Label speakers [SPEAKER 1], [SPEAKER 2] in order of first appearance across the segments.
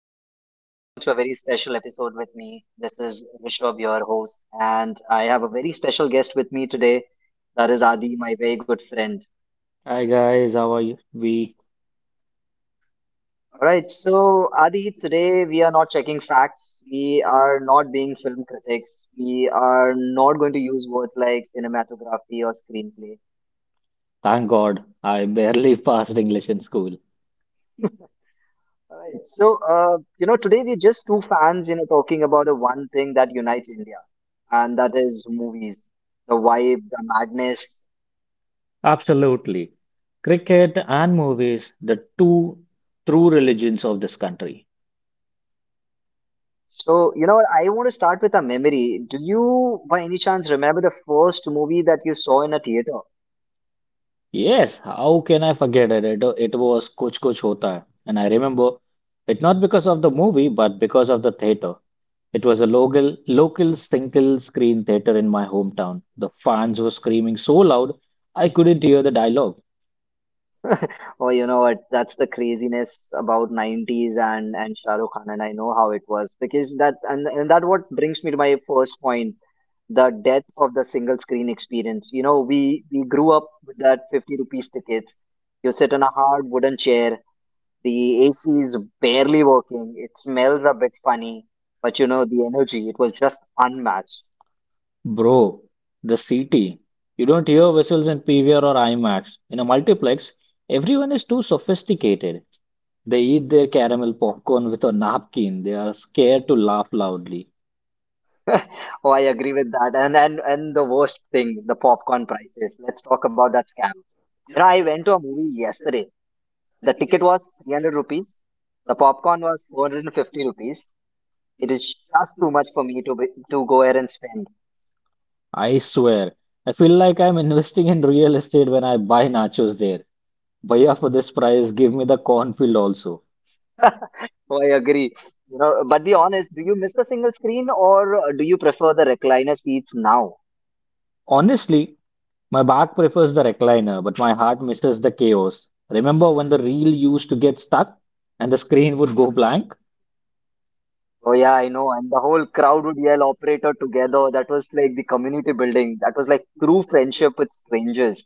[SPEAKER 1] everyone, and welcome to a very special episode with me. This is Rishabh, your host, and I have a very special guest with me today. That is Adi, my very good friend.
[SPEAKER 2] Hi guys, how are you? We
[SPEAKER 1] All right, so Adi, today we are not checking facts. We are not being film critics. We are not going to use words like cinematography or screenplay.
[SPEAKER 2] Thank God I barely passed English in school.
[SPEAKER 1] All right, today we're just two fans, talking about the one thing that unites India, and that is movies, the vibe, the madness.
[SPEAKER 2] Absolutely. Cricket and movies, the two true religions of this country.
[SPEAKER 1] So, you know what, I want to start with a memory. Do you, by any chance, remember the first movie that you saw in a theater?
[SPEAKER 2] Yes, how can I forget it? It was Kuch Kuch Hota Hai. And I remember it not because of the movie, but because of the theater. It was a local single screen theater in my hometown. The fans were screaming so loud, I couldn't hear the dialogue.
[SPEAKER 1] Oh, you know what? That's the craziness about 90s and Shah Rukh Khan, and I know how it was, because that and that, what brings me to my first point, the death of the single screen experience. You know, we grew up with that 50 rupees ticket. You sit in a hard wooden chair. The AC is barely working. It smells a bit funny, but you know, the energy, it was just unmatched.
[SPEAKER 2] Bro, the C T. You don't hear whistles in PVR or IMAX. In a multiplex, everyone is too sophisticated. They eat their caramel popcorn with a napkin. They are scared to laugh loudly.
[SPEAKER 1] Oh, I agree with that. And the worst thing, the popcorn prices. Let's talk about that scam. You know, I went to a movie yesterday. The ticket was 300 rupees. The popcorn was 450 rupees. It is just too much for me to go here and spend.
[SPEAKER 2] I swear, I feel like I'm investing in real estate when I buy nachos there. Bhaiya, for this price, give me the cornfield also.
[SPEAKER 1] Oh, I agree. You know, but be honest, do you miss the single screen, or do you prefer the recliner seats now?
[SPEAKER 2] Honestly, my back prefers the recliner, but my heart misses the chaos. Remember when the reel used to get stuck and the screen would go blank?
[SPEAKER 1] Oh yeah, I know. And the whole crowd would yell operator together. That was like the community building. That was like true friendship with strangers.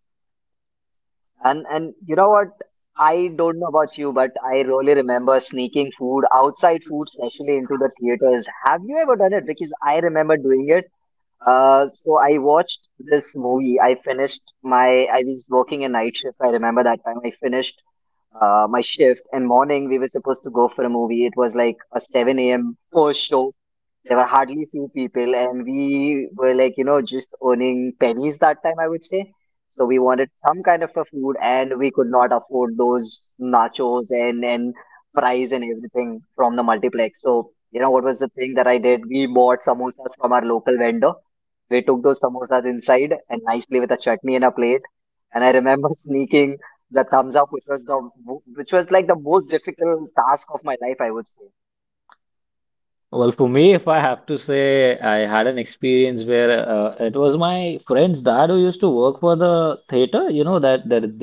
[SPEAKER 1] And you know what? I don't know about you, but I really remember sneaking food, outside food, especially into the theaters. Have you ever done it? Because I remember doing it. So I watched this movie. I was working a night shift. I remember that time I finished my shift, and morning we were supposed to go for a movie. It was like a 7 a.m. first show. There were hardly few people, and we were like, you know, just earning pennies that time, I would say. So we wanted some kind of a food, and we could not afford those nachos and fries and everything from the multiplex. So you know, what was the thing that I did? We bought samosas from our local vendor. We took those samosas inside, and nicely with a chutney and a plate. And I remember sneaking the thumbs up, which was the which was like the most difficult task of my life, I would say.
[SPEAKER 2] Well, for me, if I have to say, I had an experience where it was my friend's dad who used to work for the theater. You know that there is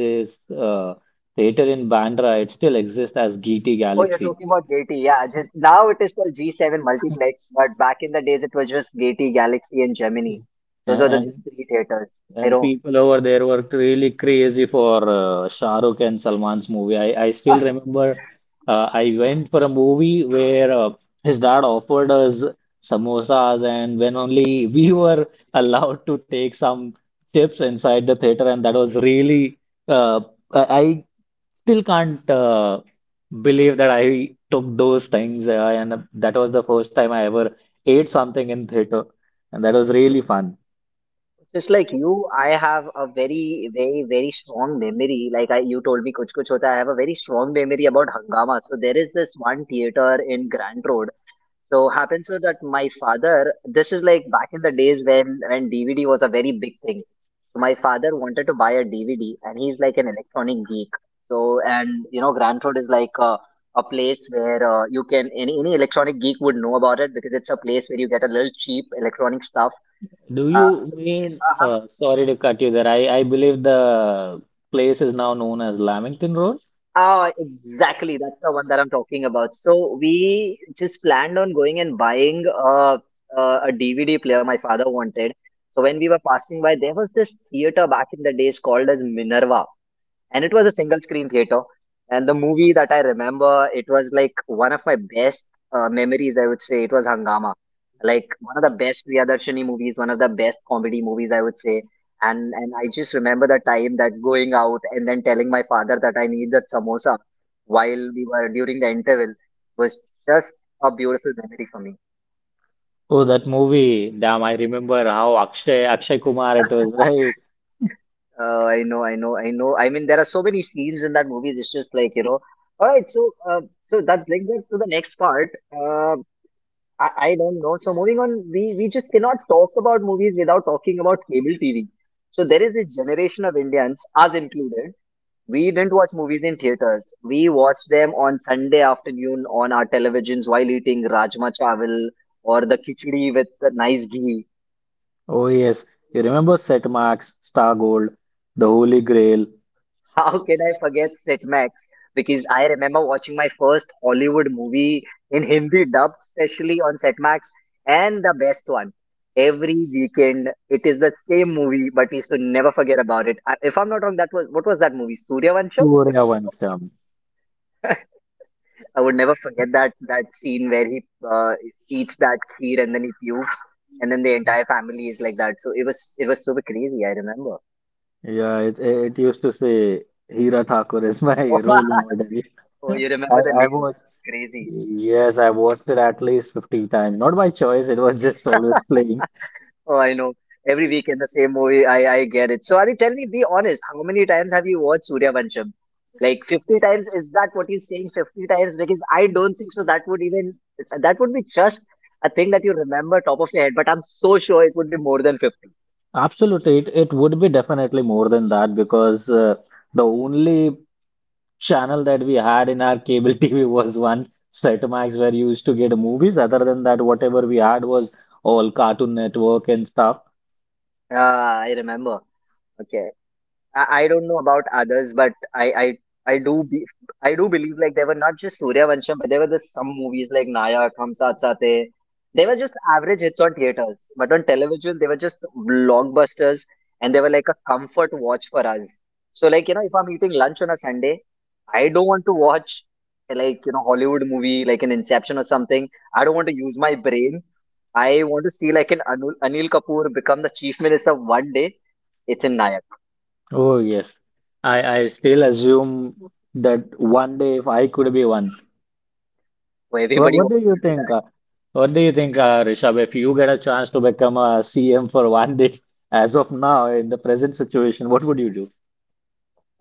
[SPEAKER 2] this theater in Bandra. It still exists as GT
[SPEAKER 1] Oh, you're
[SPEAKER 2] Galaxy.
[SPEAKER 1] talking about Gati. Yeah, just, now it is called G7 Multiplex, but back in the days it was just Gati, Galaxy, and Gemini. Those
[SPEAKER 2] And,
[SPEAKER 1] were the
[SPEAKER 2] and
[SPEAKER 1] just three theaters. I
[SPEAKER 2] and
[SPEAKER 1] know.
[SPEAKER 2] people over there worked really crazy for Shah Rukh and Salman's movie. I still remember I went for a movie where his dad offered us samosas, and when only we were allowed to take some chips inside the theater, and that was really uh, I I still can't believe that I took those things, and that was the first time I ever ate something in theater, and that was really fun.
[SPEAKER 1] Just like you, I have a very, very, very strong memory. Like I, you told me, Kuch Kuch Hota. I have a very strong memory about Hangama. So there is this one theater in Grand Road. So happens so that my father, this is like back in the days when DVD was a very big thing. So my father wanted to buy a DVD, and he's like an electronic geek. So, and you know, Grandford is like a place where you can, any electronic geek would know about it, because it's a place where you get a little cheap electronic stuff.
[SPEAKER 2] Do
[SPEAKER 1] Uh,
[SPEAKER 2] you
[SPEAKER 1] so,
[SPEAKER 2] mean,
[SPEAKER 1] uh-huh.
[SPEAKER 2] sorry to cut you there. I believe the place is now known as Lamington Road.
[SPEAKER 1] Ah, exactly. That's the one that I'm talking about. So we just planned on going and buying a a DVD player my father wanted. So when we were passing by, there was this theater back in the days called as Minerva, and it was a single screen theater, and the movie that I remember, it was like one of my best memories, I would say, it was Hangama, like one of the best Priyadarshini movies, one of the best comedy movies, I would say. And I just remember the time that going out and then telling my father that I need that samosa while we were during the interval was just a beautiful memory for me.
[SPEAKER 2] Oh, that movie. Damn, I remember how Akshay Kumar it was, right?
[SPEAKER 1] I know, I know, I know. I mean, there are so many scenes in that movie, it's just like, you know. All right, so, uh, so that brings us to the next part. I don't know. So moving on, we just cannot talk about movies without talking about cable TV. So there is a generation of Indians, us included. We didn't watch movies in theaters. We watched them on Sunday afternoon on our televisions while eating rajma chawal or the khichdi with the nice ghee.
[SPEAKER 2] Oh, yes. You remember Set Max, Star Gold, the Holy Grail,
[SPEAKER 1] How can I forget Sitmax? Because I remember watching my first Hollywood movie in Hindi dubbed specially on Setmax, and the best one. Every weekend, it is the same movie, but we used to never forget about it. I, if I'm not wrong, that was, what was that movie? Suryavansham. If I'm not wrong,
[SPEAKER 2] Suryavansham.
[SPEAKER 1] I would never forget that scene where he uh, eats that kheer and then he pukes, and then the entire family is like that. So it was, it was super crazy, I remember.
[SPEAKER 2] Yeah, it used to say Hira Thakur is my role model.
[SPEAKER 1] Oh, you
[SPEAKER 2] I,
[SPEAKER 1] remember the
[SPEAKER 2] I
[SPEAKER 1] names? That's
[SPEAKER 2] was,
[SPEAKER 1] crazy.
[SPEAKER 2] yes, I watched it at least 50 times. Not by choice, it was just always playing.
[SPEAKER 1] Oh, I know. Every weekend the same movie. I get it. So Adi, tell me, be honest. How many times have you watched Surya Vansham? Like 50 times? Is that what you're saying? 50 times? Because I don't think so. That would even, that would be just a thing that you remember top of your head. But I'm so sure it would be more than 50.
[SPEAKER 2] Absolutely, it would be definitely more than that because the only channel that we had in our cable TV was one set max where you used to get movies. Other than that, whatever we had was all Cartoon Network and stuff.
[SPEAKER 1] Ah, I remember. Okay. I don't know about others, but I do be I do believe, like, there were not just Surya Vansham, but there were just some movies like Nayak, Hum Saath Saath Hai. They were just average hits on theaters, but on television they were just blockbusters, and they were like a comfort watch for us. So like you know, if I'm eating lunch on a Sunday, I don't want to watch, like you know, Hollywood movie like an Inception or something. I don't want to use my brain. I want to see like an Anil Kapoor become the chief minister one day. It's in Nayak.
[SPEAKER 2] Oh, yes. I still assume that one day if I could be one.
[SPEAKER 1] Well,
[SPEAKER 2] What,
[SPEAKER 1] everybody
[SPEAKER 2] what do
[SPEAKER 1] wants to
[SPEAKER 2] you
[SPEAKER 1] do
[SPEAKER 2] think?
[SPEAKER 1] that.
[SPEAKER 2] What do you think, Rishabh, if you get a chance to become a CM for one day, as of now, in the present situation, what would you do?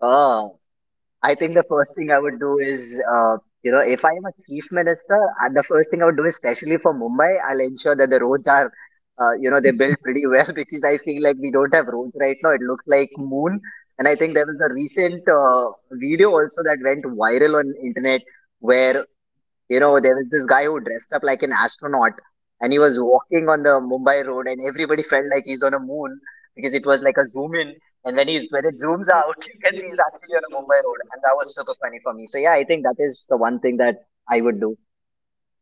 [SPEAKER 1] Oh, I think the first thing I would do is, you know, if I am a chief minister, the first thing I would do, especially for Mumbai, I'll ensure that the roads are, you know, they built pretty well, because I feel like we don't have roads right now. It looks like moon. And I think there was a recent video also that went viral on internet where, you know, there was this guy who dressed up like an astronaut, and he was walking on the Mumbai road and everybody felt like he's on a moon, because it was like a zoom in, and when it zooms out you can see he's actually on a Mumbai road, and that was super funny for me. So yeah, I think that is the one thing that I would do.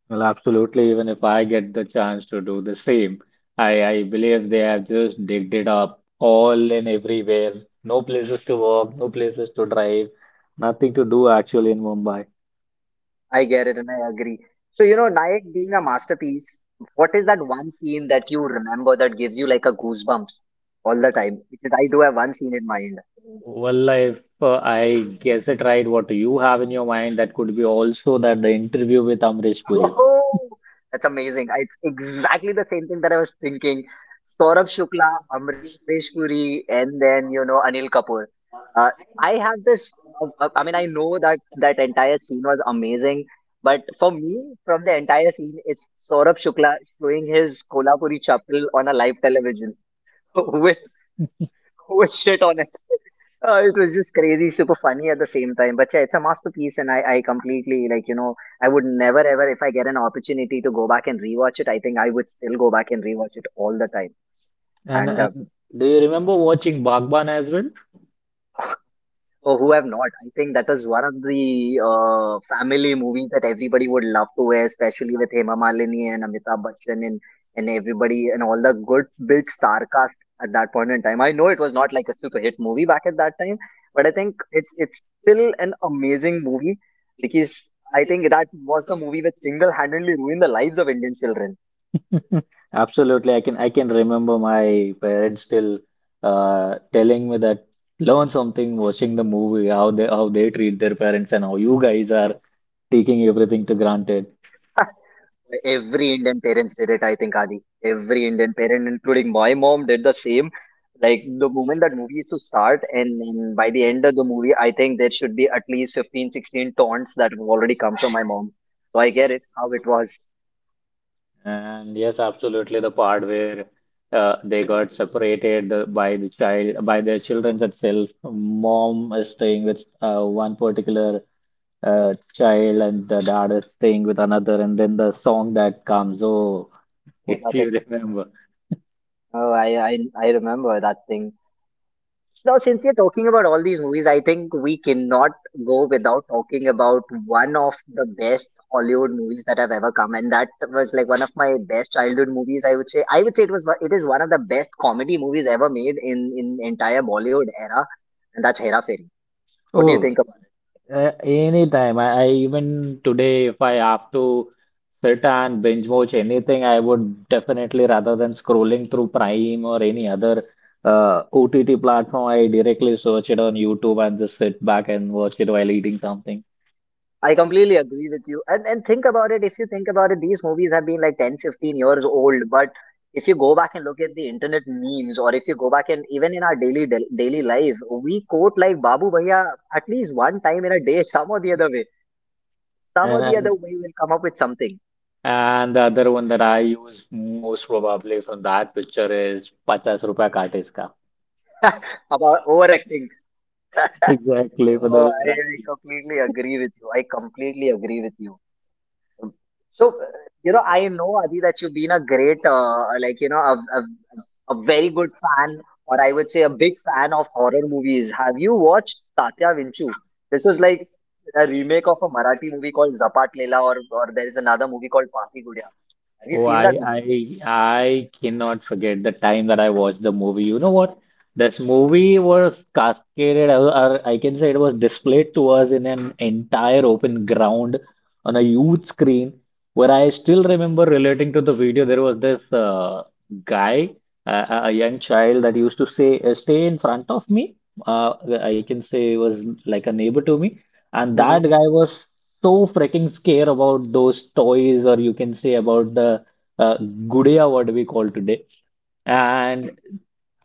[SPEAKER 2] Well, absolutely. Even if I get the chance to do the same, I believe they have just digged it up all and everywhere. No places to walk, no places to drive, nothing to do actually in Mumbai.
[SPEAKER 1] I get it, and I agree. So you know, Nayak being a masterpiece, what is that one scene that you remember that gives you like a goosebumps all the time? Because I do have one scene in mind.
[SPEAKER 2] Well, if I guess it right, what you have in your mind, that could be also that the interview with Amrish Puri.
[SPEAKER 1] Oh, that's amazing. It's exactly the same thing that I was thinking. Saurabh Shukla, Amrish Puri, and then, you know, Anil Kapoor. Uh, I have this, I mean, I know that that entire scene was amazing, but for me, from the entire scene, it's Saurabh Shukla showing his Kolhapuri chappal on a live television with, with shit on. It was just crazy, super funny at the same time. But yeah, it's a masterpiece, and I completely, like you know, I would never ever, if I get an opportunity to go back and rewatch it, I think I would still go back and rewatch it all the time. And
[SPEAKER 2] And do you remember watching Bhagwan as well?
[SPEAKER 1] For who have not? I think that is one of the family movies that everybody would love to wear, especially with Hema Malini and Amitabh Bachchan and everybody and all the good big star cast at that point in time. I know it was not like a super hit movie back at that time, but I think it's still an amazing movie, because I think that was the movie which single-handedly ruined the lives of Indian children.
[SPEAKER 2] Absolutely, I can remember my parents still telling me that learn something watching the movie, how they treat their parents and how you guys are taking everything to granted.
[SPEAKER 1] Every Indian parents did it, I think, Adi. Every Indian parent, including my mom, did the same. Like the moment that movie used to start, and by the end of the movie, I think there should be at least 15, 16 taunts that have already come from my mom. So I get it, how it was.
[SPEAKER 2] And yes, absolutely. The part where they got separated by the child, by their children itself. Mom is staying with one particular child, and the dad is staying with another. And then the song that comes. Oh,
[SPEAKER 1] Oh,
[SPEAKER 2] if
[SPEAKER 1] that
[SPEAKER 2] you
[SPEAKER 1] is.
[SPEAKER 2] remember.
[SPEAKER 1] Oh, I remember that thing. Now, since we're talking about all these movies, I think we cannot go without talking about one of the best Hollywood movies that have ever come, and that was like one of my best childhood movies. I would say it was it is one of the best comedy movies ever made in entire Bollywood era, and that's Hera Fairy. What do you
[SPEAKER 2] Oh,
[SPEAKER 1] think about?
[SPEAKER 2] anytime. I even today, if I have to sit and binge watch anything, I would definitely rather than scrolling through Prime or any other OTT platform, I directly search it on YouTube and just sit back and watch it while eating something.
[SPEAKER 1] I completely agree with you. And think about it, if you think about it, these movies have been like 10, 15 years old, but if you go back and look at the internet memes or if you go back and even in our daily life, we quote like Babu Bhaiya at least one time in a day, some or the other way. Some
[SPEAKER 2] And,
[SPEAKER 1] or the other
[SPEAKER 2] and
[SPEAKER 1] way will come up with something
[SPEAKER 2] and the other one that I use most probably from that picture is 50 rupiya kaat iska.
[SPEAKER 1] about overacting.
[SPEAKER 2] Exactly for the
[SPEAKER 1] Oh, I,
[SPEAKER 2] Uber
[SPEAKER 1] I completely agree with you. I completely agree with you. So, I know Adi that you've been a great, a very good fan, or I would say a big fan of horror movies. Have you watched Tatya Vinchu? This was like a remake of a Marathi movie called Zapat Leela, or there is another movie called Papi Gudiya. Have you
[SPEAKER 2] seen
[SPEAKER 1] seen
[SPEAKER 2] I,
[SPEAKER 1] that movie?
[SPEAKER 2] I, I cannot forget the time that I watched the movie. You know what? This movie was cascaded, or I can say it was displayed to us in an entire open ground on a huge screen. Where I still remember relating to the video, there was this guy, a young child that used to say, stay in front of me. Uh, I can say he was like a neighbor to me. And that
[SPEAKER 1] Hmm.
[SPEAKER 2] guy was so freaking scared about those toys, or you can say about the uh, gudiya, what we call today. And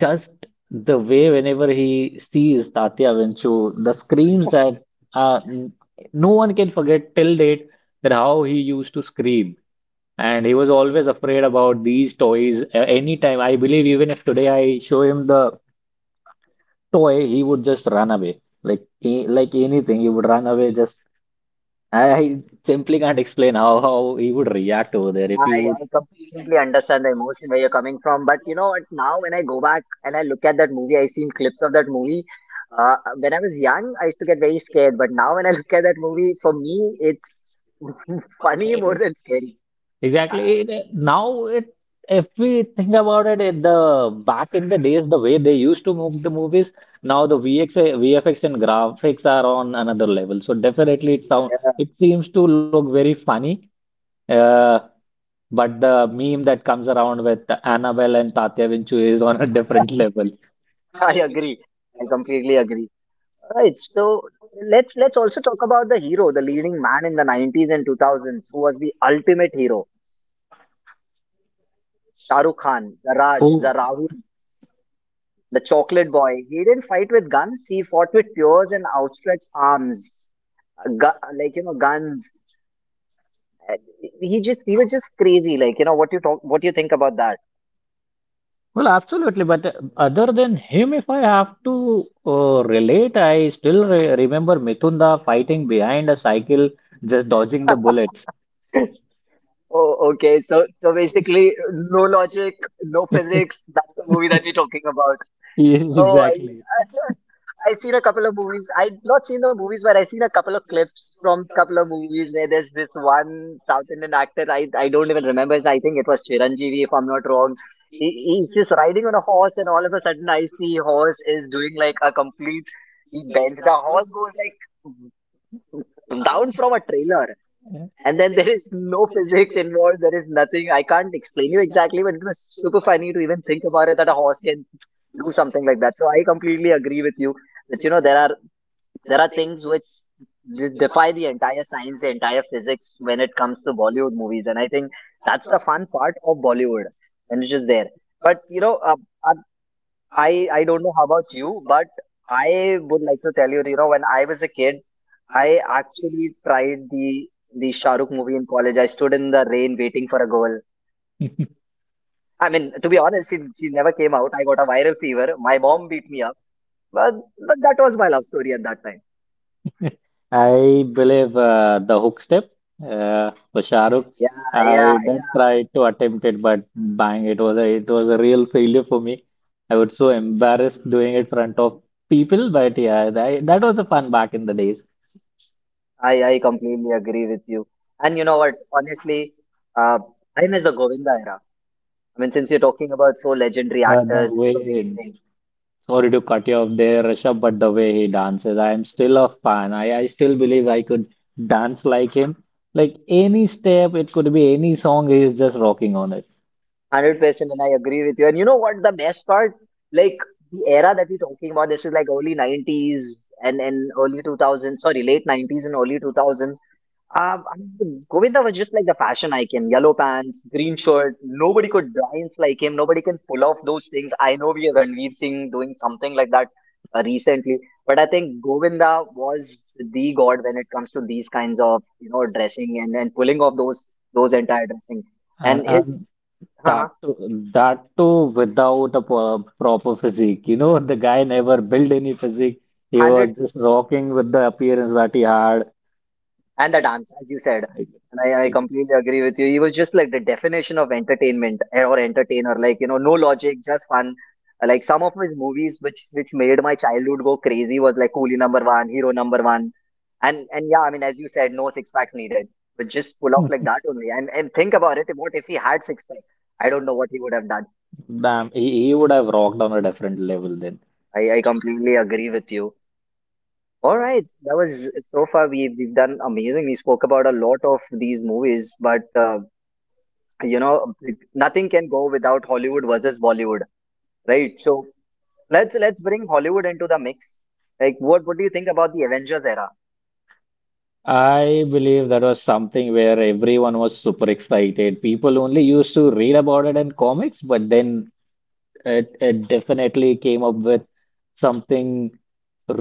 [SPEAKER 2] just the way whenever he sees Tatya Vinchu, the screams that uh, n- no one can forget till date then how he used to scream. And he was always afraid about these toys. Anytime, I believe even if today I show him the toy, he would just run away. Like anything, he would run away. Just I simply can't explain how he would react over there. If you would,
[SPEAKER 1] I completely understand the emotion where you're coming from, but you know what? Now when I go back and I look at that movie, I've seen clips of that movie. When I was young, I used to get very scared, but now when I look at that movie, for me, it's funny more
[SPEAKER 2] It-
[SPEAKER 1] than scary.
[SPEAKER 2] Exactly. Now if we think about it, in the back in the days, the way they used to make the movies, now the VFX and graphics are on another level. So definitely,
[SPEAKER 1] Yeah,
[SPEAKER 2] it seems to look very funny. Uh, but the meme that comes around with Annabelle and Tatya Vinchu is on a different level.
[SPEAKER 1] I agree. I completely agree. Right. So let's also talk about the hero, the leading man in the 90s and 2000s, who was the ultimate hero. Shah Rukh Khan, the Raj,
[SPEAKER 2] Oh.
[SPEAKER 1] the Rahul, the Chocolate Boy. He didn't fight with guns. He fought with tears and outstretched arms. Like you know, guns. Uh, he was just crazy. Like you know, what you talk, what you think about that?
[SPEAKER 2] Well, absolutely. But other than him, if I have to relate, I still re remember Mithunda fighting behind a cycle, just dodging the bullets.
[SPEAKER 1] Oh, okay. So basically, no logic, no physics. That's the movie that we're talking about.
[SPEAKER 2] Yes,
[SPEAKER 1] Oh, I
[SPEAKER 2] exactly.
[SPEAKER 1] I've seen a couple of movies. I've not seen the movies, but I've seen a couple of clips from couple of movies where there's this one South Indian actor. I don't even remember I think it was Chiranjeevi, if I'm not wrong. He's just riding on a horse, and all of a sudden, I see horse is doing like a complete. He bends. The horse goes like down from a trailer, and then there is no physics involved. There is nothing. I can't explain you exactly, but it was super funny to even think about it that a horse can do something like that. So I completely agree with you that you know there are things which defy the entire science, the entire physics when it comes to Bollywood movies, and I think that's the fun part of Bollywood, and it's just there. But you know, uh, I don't know how about you, but I would like to tell you, you know, when I was a kid, I actually tried the Shah Rukh movie in college. I stood in the rain waiting for a goal. I mean, to be honest, she never came out. I got a viral fever. My mom beat me up, but but that was my love story at that time.
[SPEAKER 2] I believe the hook step for Shahrukh.
[SPEAKER 1] yeah yeah
[SPEAKER 2] I did
[SPEAKER 1] yeah
[SPEAKER 2] try to attempt it, but bang, it was a real failure for me. I was so embarrassed doing it in front of people, but yeah, that was a fun back in the days.
[SPEAKER 1] I completely agree with you. And you know what? Honestly, uh, I miss the Govinda era. I mean, since you're talking about so legendary
[SPEAKER 2] The, the
[SPEAKER 1] actors and so many
[SPEAKER 2] way,
[SPEAKER 1] things,
[SPEAKER 2] Sorry to cut you off there, Rishabh, but the way he dances, I am still a fan. I still believe I could dance like him. Like any step, it could be any song, he is just rocking on it.
[SPEAKER 1] 100% and I agree with you. And you know what? The best part, like the era that we're talking about, this is like early 90s and early 2000s, sorry, late 90s and early 2000s. I mean, Govinda was just like the fashion icon, yellow pants, green shirt. Nobody could dance like him. Nobody can pull off those things. I know we have Ranveer Singh doing something like that recently, but I think Govinda was the god when it comes to these kinds of, you know, dressing and pulling off those entire dressing. And
[SPEAKER 2] And
[SPEAKER 1] his uh
[SPEAKER 2] That too, without a proper physique. You know, the guy never built any physique. He was just
[SPEAKER 1] 100%.
[SPEAKER 2] rocking with the appearance that he had.
[SPEAKER 1] And the dance, as you said. And I completely agree with you. He was just like the definition of entertainment eh, or entertainer, like, you know, no logic, just fun. Like some of his movies which made my childhood go crazy was like Coolie number one, Hero number one. And yeah, I mean, as you said, no six packs needed. But just pull off like that only. And think about it, what if he had six pack? I don't know what he would have done.
[SPEAKER 2] Damn, he would have rocked on a different level then.
[SPEAKER 1] I completely agree with you. All right, that was so far we we've done amazing. We spoke about a lot of these movies, but you know, nothing can go without Hollywood versus Bollywood, right? So let's bring Hollywood into the mix. Like what do you think about the Avengers era?
[SPEAKER 2] I believe that was something where everyone was super excited. People only used to read about it in comics, but then it definitely came up with something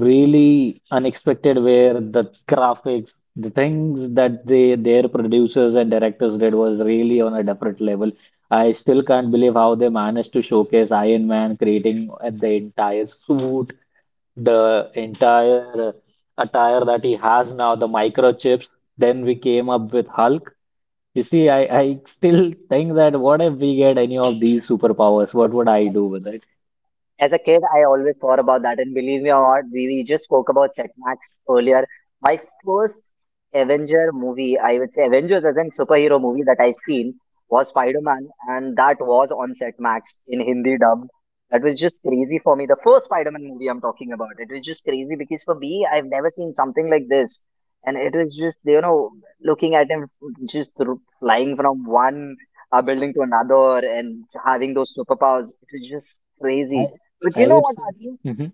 [SPEAKER 2] really unexpected where the graphics, the things that they their producers and directors did was really on a different level. I still can't believe how they managed to showcase Iron Man creating the entire suit, the entire attire that he has now, the microchips. Then we came up with Hulk. You see, I still think that what if we get any of these superpowers? What would I do with it?
[SPEAKER 1] As a kid, I always thought about that, and believe me or not, we just spoke about Chetmax earlier. My first Avenger movie, I would say Avengers as in superhero movie that I've seen was Spider-Man, and that was on Chetmax in Hindi dubbed. That was just crazy for me. The first Spider-Man movie I'm talking about, it was just crazy because for me, I've never seen something like this, and it was just, you know, looking at him just flying from one building to another and having those superpowers. It was just
[SPEAKER 2] I
[SPEAKER 1] crazy. But you
[SPEAKER 2] I
[SPEAKER 1] know
[SPEAKER 2] would
[SPEAKER 1] what,
[SPEAKER 2] say
[SPEAKER 1] Adi?
[SPEAKER 2] Mhm.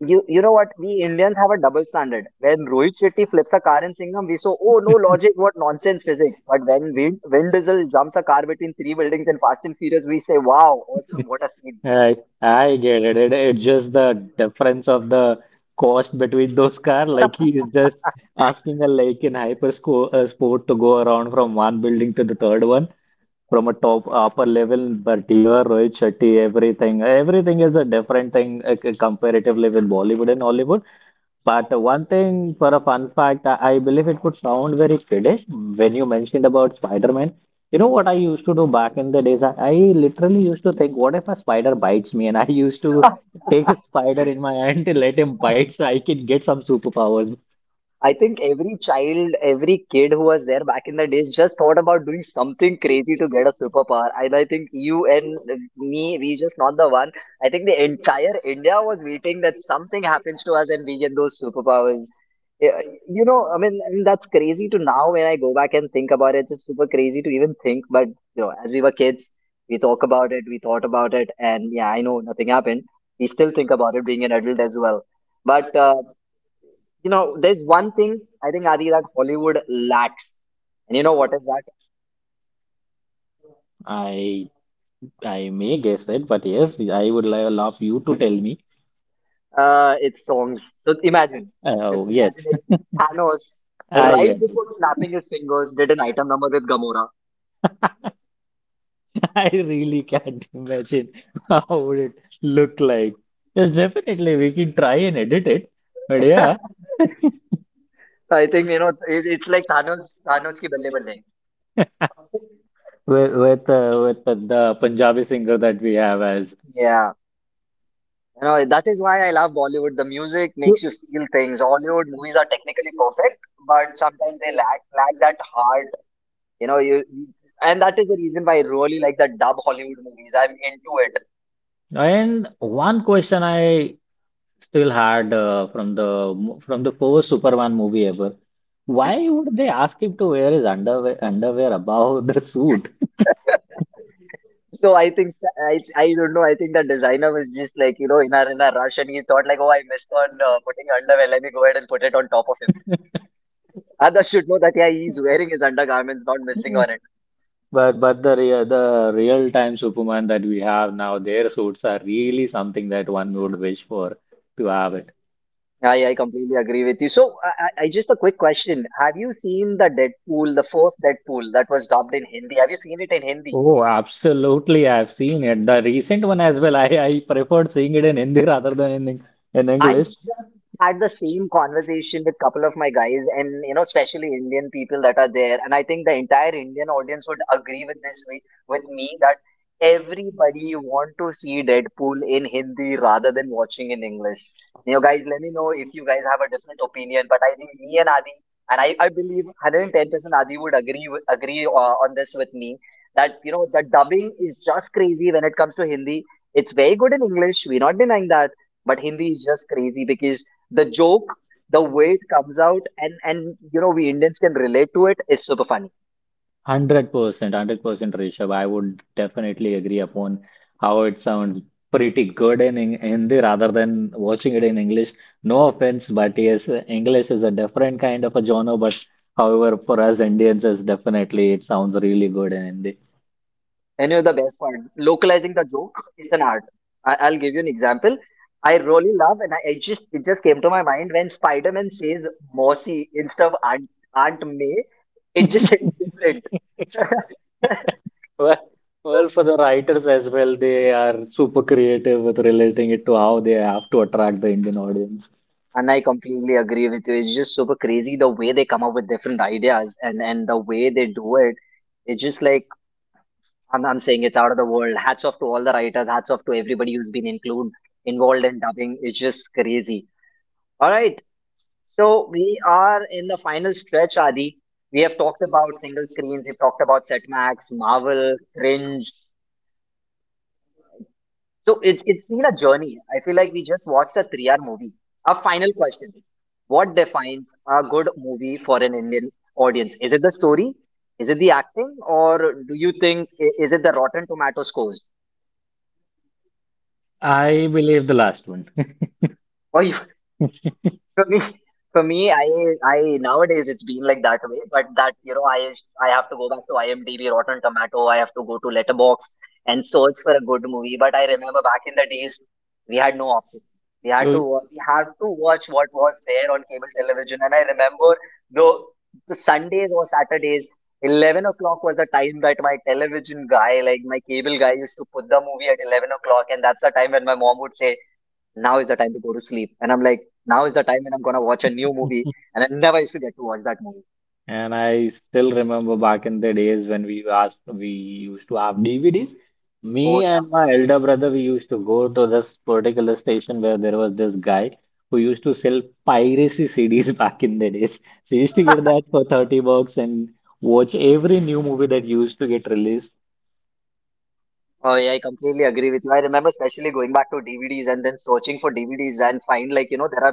[SPEAKER 1] You know what? We Indians have a double standard. When Rohit Shetty flips a car in Singham, we say, "Oh, no logic, what nonsense physics." But when Vin Diesel jumps a car between three buildings in Fast and Furious, we say, "Wow, awesome, what a scene!"
[SPEAKER 2] I get it. It's just the difference of the cost between those cars. Like he is just asking a like in sport to go around from one building to the third one, from a top upper level, but here Rohit Shetty, everything is a different thing comparatively with Bollywood and Hollywood. But one thing for a fun fact, I believe it would sound very kiddish when you mentioned about Spider-Man. You know what I used to do back in the days? I literally used to think, what if a spider bites me? And I used to take a spider in my hand to let him bite so I can get some superpowers.
[SPEAKER 1] I think every child, every kid who was there back in the days just thought about doing something crazy to get a superpower. And I think you and me, we just not the one. I think the entire India was waiting that something happens to us and we get those superpowers. Yeah, you know, I mean, and that's crazy to now when I go back and think about it. It's just super crazy to even think, but you know, as we were kids, we talk about it, we thought about it, and yeah, I know nothing happened. We still think about it being an adult as well. But you know, there's one thing I think, Adi, that Hollywood lacks, and you know what is that?
[SPEAKER 2] I I may guess it, but yes, I would love you to tell me.
[SPEAKER 1] It's songs. So imagine, just
[SPEAKER 2] Oh,
[SPEAKER 1] imagine
[SPEAKER 2] yes.
[SPEAKER 1] if Thanos,
[SPEAKER 2] I
[SPEAKER 1] right
[SPEAKER 2] get it.
[SPEAKER 1] before snapping his fingers, did an item number with Gamora.
[SPEAKER 2] I really can't imagine how would it look like. Yes, definitely we can try and edit it. But yeah,
[SPEAKER 1] So I think, you know, it's like Thanos, Thanos ki balle balle.
[SPEAKER 2] the Punjabi singer that we have as
[SPEAKER 1] Yeah. You know, that is why I love Bollywood. The music
[SPEAKER 2] you.
[SPEAKER 1] makes you feel things. Hollywood movies are technically perfect, but sometimes they lack lack that heart. You know, and that is the reason why I really like the dub Hollywood movies. I'm into it.
[SPEAKER 2] And one question I Still hard from the first Superman movie ever. Why would they ask him to wear his underwear above the suit?
[SPEAKER 1] So I think I don't know. I think the designer was just like, you know, in a rush, and he thought like, oh, I missed on putting underwear. Let me go ahead and put it on top of him. Others should know that yeah, he's wearing his undergarments, not missing on it.
[SPEAKER 2] But the real time Superman that we have now, their suits are really something that one would wish for to have it.
[SPEAKER 1] I completely agree with you. So, just a quick question. Have you seen the Deadpool, the first Deadpool that was dubbed in Hindi? Have you seen it in Hindi?
[SPEAKER 2] Oh, absolutely. I've seen it. The recent one as well. I preferred seeing it in Hindi rather than in, in
[SPEAKER 1] I
[SPEAKER 2] English.
[SPEAKER 1] just had the same
[SPEAKER 2] One
[SPEAKER 1] conversation with couple of my guys, and you know, especially Indian people that are there, and I think the entire Indian audience would agree with this way with me that everybody want to see Deadpool in Hindi rather than watching in English. You guys let me know if you guys have a different opinion, but I think me and Adi, and I believe 110% Adi would agree on this with me that you know the dubbing is just crazy when it comes to Hindi. It's very good in English. We're not denying that, but Hindi is just crazy because the joke, the way it comes out, and you know we Indians can relate to it is super funny.
[SPEAKER 2] Hundred percent, 100%, Rishabh. I would definitely agree upon how it sounds pretty good in Hindi rather than watching it in English. No offense, but yes, English is a different kind of a genre. But however, for us Indians, is definitely it sounds really good in Hindi.
[SPEAKER 1] And you know the best part, localizing the joke, it's an art. I'll give you an example. I really love, and I just came to my mind when Spider Man says "Mossy" instead of Aunt May. It just hits different.
[SPEAKER 2] Well, well, for the writers as well, they are super creative with relating it to how they have to attract the Indian audience.
[SPEAKER 1] And I completely agree with you. It's just super crazy the way they come up with different ideas and the way they do it. It's just like I'm saying it's out of the world. Hats off to all the writers. Hats off to everybody who's been include involved in dubbing. It's just crazy. All right. So we are in the final stretch, Adi. We have talked about single screens. We've talked about Setmax, Marvel, Cringe. So it's been a journey. I feel like we just watched a three-hour movie. A final question: what defines a good movie for an Indian audience? Is it the story? Is it the acting? Or do you think is it the Rotten Tomato scores?
[SPEAKER 2] I believe the last one.
[SPEAKER 1] Or you For me, for me, I nowadays it's been like that way, but that, you know, I have to go back to IMDb, Rotten Tomato. I have to go to Letterbox and search for a good movie. But I remember back in the days, we had no options. We had to we had to watch what was there on cable television. And I remember
[SPEAKER 2] You-
[SPEAKER 1] the, the Sundays or Saturdays, 11 o'clock was the time that my television guy, like my cable guy, used to put the movie at 11 o'clock, and that's the time when my mom would say now is the time to go to sleep. And I'm like, now is the time when I'm gonna watch a new movie, and I never used to get to watch that movie.
[SPEAKER 2] And I still remember back in the days when we asked, we used to have DVDs.
[SPEAKER 1] Oh
[SPEAKER 2] Me
[SPEAKER 1] yeah,
[SPEAKER 2] and my elder brother, we used to go to this particular station where there was this guy who used to sell piracy CDs back in the days. So you used to get that for $30 and watch every new movie that used to get released.
[SPEAKER 1] oh yeah, I completely agree with you. I remember especially going back to DVDs and then searching for DVDs and find, like, you know, there are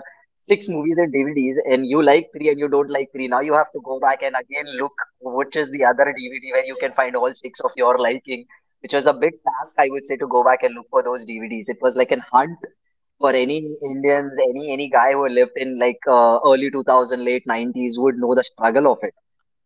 [SPEAKER 1] six movies in DVDs and you like three and you don't like three. Now you have to go back and again look which is the other DVD where you can find all six of your liking, which was a big task, I would say, to go back and look for those DVDs. It was like an hunt for any Indians, any guy who lived in like early 2000, late 90s would know the struggle of it.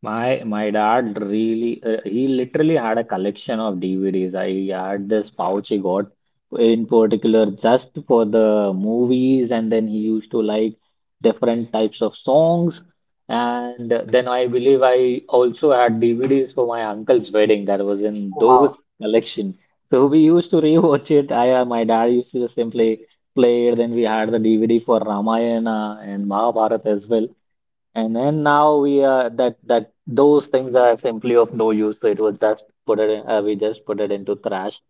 [SPEAKER 2] My dad really he literally had a collection of DVDs. I had this pouch he got in particular just for the movies, and then he used to like different types of songs. And then I believe I also had DVDs for my uncle's wedding that was in
[SPEAKER 1] Oh wow.
[SPEAKER 2] those collection. So we used to rewatch it. I my dad used to just simply play it. Then we had the DVD for Ramayana and Mahabharata as well. And then now we are that that those things are simply of no use. So it was just we just put it into trash,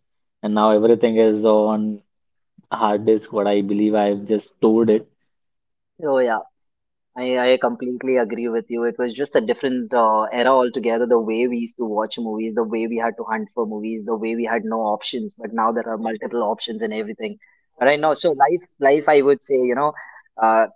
[SPEAKER 2] and now everything is on hard disk. What I believe I've just stored it.
[SPEAKER 1] Oh yeah. I completely agree with you. It was just a different era altogether. The way we used to watch movies, the way we had to hunt for movies, the way we had no options. But now there are multiple options and everything. Right now, so life, I would say, you know, uh,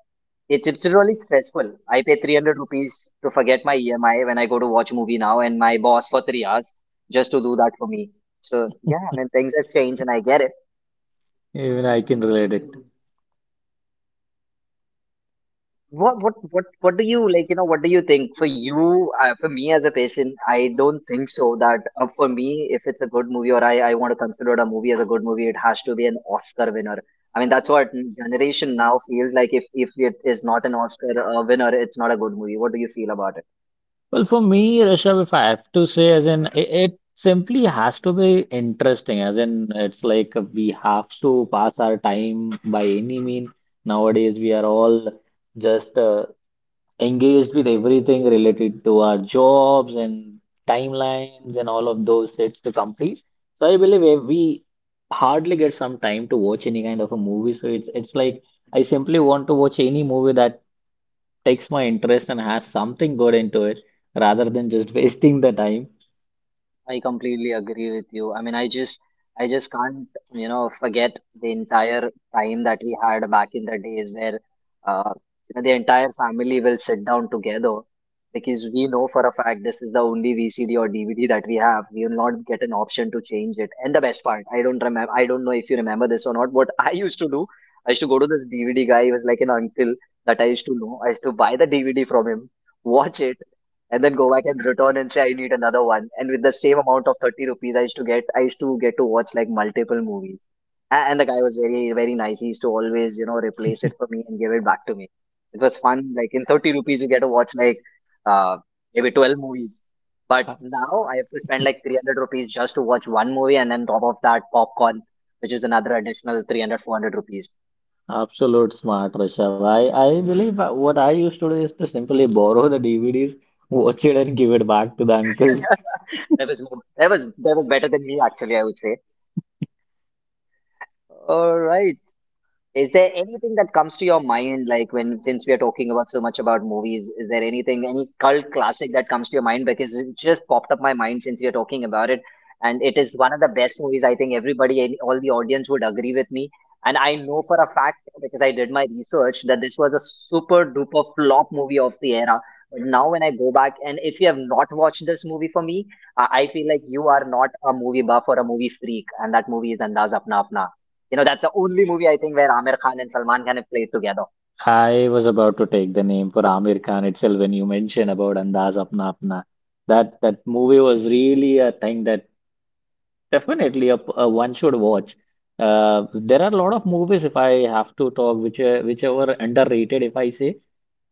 [SPEAKER 1] it's really stressful. I pay 300 rupees to forget my EMI when I go to watch movie now, and my boss for 3 hours just to do that for me. So yeah, I mean things have changed, and I get it.
[SPEAKER 2] Even I can relate it.
[SPEAKER 1] What do you like? You know, what do you think? For you, for me as a patient, I don't think so. That for me, if it's a good movie or I want to consider it a movie as a good movie, it has to be an Oscar winner. I mean, that's what generation now feels like. If it is not an Oscar winner, it's not a good movie. What do you feel about it?
[SPEAKER 2] Well, for me, Rishabh, if I have to say, as in it, it simply has to be interesting. As in, it's like we have to pass our time by any mean. Nowadays, we are all just engaged with everything related to our jobs and timelines and all of those sets to complete. So I believe if we hardly get some time to watch any kind of a movie. So it's like I simply want to watch any movie that takes my interest and has something good into it rather than just wasting the time.
[SPEAKER 1] I completely agree with you. I mean, I just can't, you know, forget the entire time that we had back in the days where, uh, you know, the entire family will sit down together because we know for a fact this is the only VCD or DVD that we have. We will not get an option to change it. And the best part, I don't remember, I don't know if you remember this or not. What I used to do, I used to go to this DVD guy. He was like an uncle that I used to know. I used to buy the DVD from him, watch it, and then go back and return and say I need another one. And with the same amount of 30 rupees, I used to get to watch like multiple movies. And the guy was very very nice. He used to always, you know, replace it for me and give it back to me. It was fun. Like in 30 rupees, you get to watch like uh, maybe 12 movies. But
[SPEAKER 2] Uh,
[SPEAKER 1] now I have to spend like 300 rupees just to watch one movie, and then top of that popcorn, which is another additional 300, 400 rupees.
[SPEAKER 2] Absolute smart, Rishabh. I believe what I used to do is to simply borrow the DVDs, watch it, and give it back to the uncle.
[SPEAKER 1] that was that was better than me actually. I would say. All right. Is there anything that comes to your mind, like when since we are talking about so much about movies, is there anything, any cult classic that comes to your mind? Because it just popped up my mind since we are talking about it, and it is one of the best movies. I think everybody, all the audience would agree with me, and I know for a fact because I did my research that this was a super duper flop movie of the era. But now when I go back, and if you have not watched this movie for me, I feel like you are not a movie buff or a movie freak, and that movie is Andaz Apna Apna. You know, that's the only movie I think where Aamir Khan and Salman Khan have played together.
[SPEAKER 2] I was about to take the name for Amir Khan itself when you mentioned about Andaz Apna Apna. That movie was really a thing that definitely a one should watch. There are a lot of movies if I have to talk which whichever underrated if I say,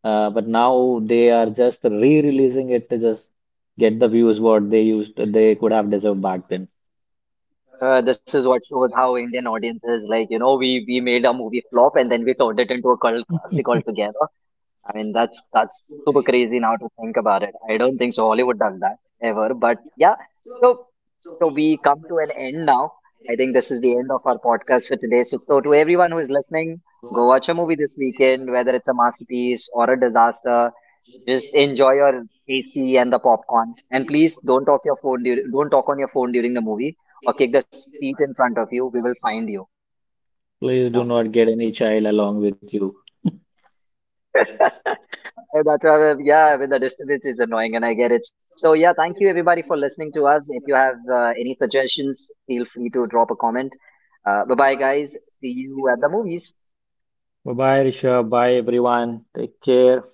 [SPEAKER 2] but now they are just re-releasing it to just get the views what they used they could have deserved back then.
[SPEAKER 1] This is what shows how Indian audiences like, you know, we made a movie flop and then we turned it into a cult classic altogether. I mean, that's super crazy now to think about it. I don't think so Hollywood does that ever, but yeah. So we come to an end now. I think this is the end of our podcast for today. So to everyone who is listening, go watch a movie this weekend, whether it's a masterpiece or a disaster. Just enjoy your AC and the popcorn, and please don't talk your phone. Don't talk on your phone during the movie, or kick the seat in front of you. We will find you.
[SPEAKER 2] Please do not
[SPEAKER 1] No.
[SPEAKER 2] get any child along with you.
[SPEAKER 1] Hey, that's with the disturbance is annoying, and I get it. So yeah, thank you everybody for listening to us. If you have any suggestions, feel free to drop a comment. Bye bye, guys. See you at the movies.
[SPEAKER 2] Bye bye, Rishabh. Bye everyone. Take care.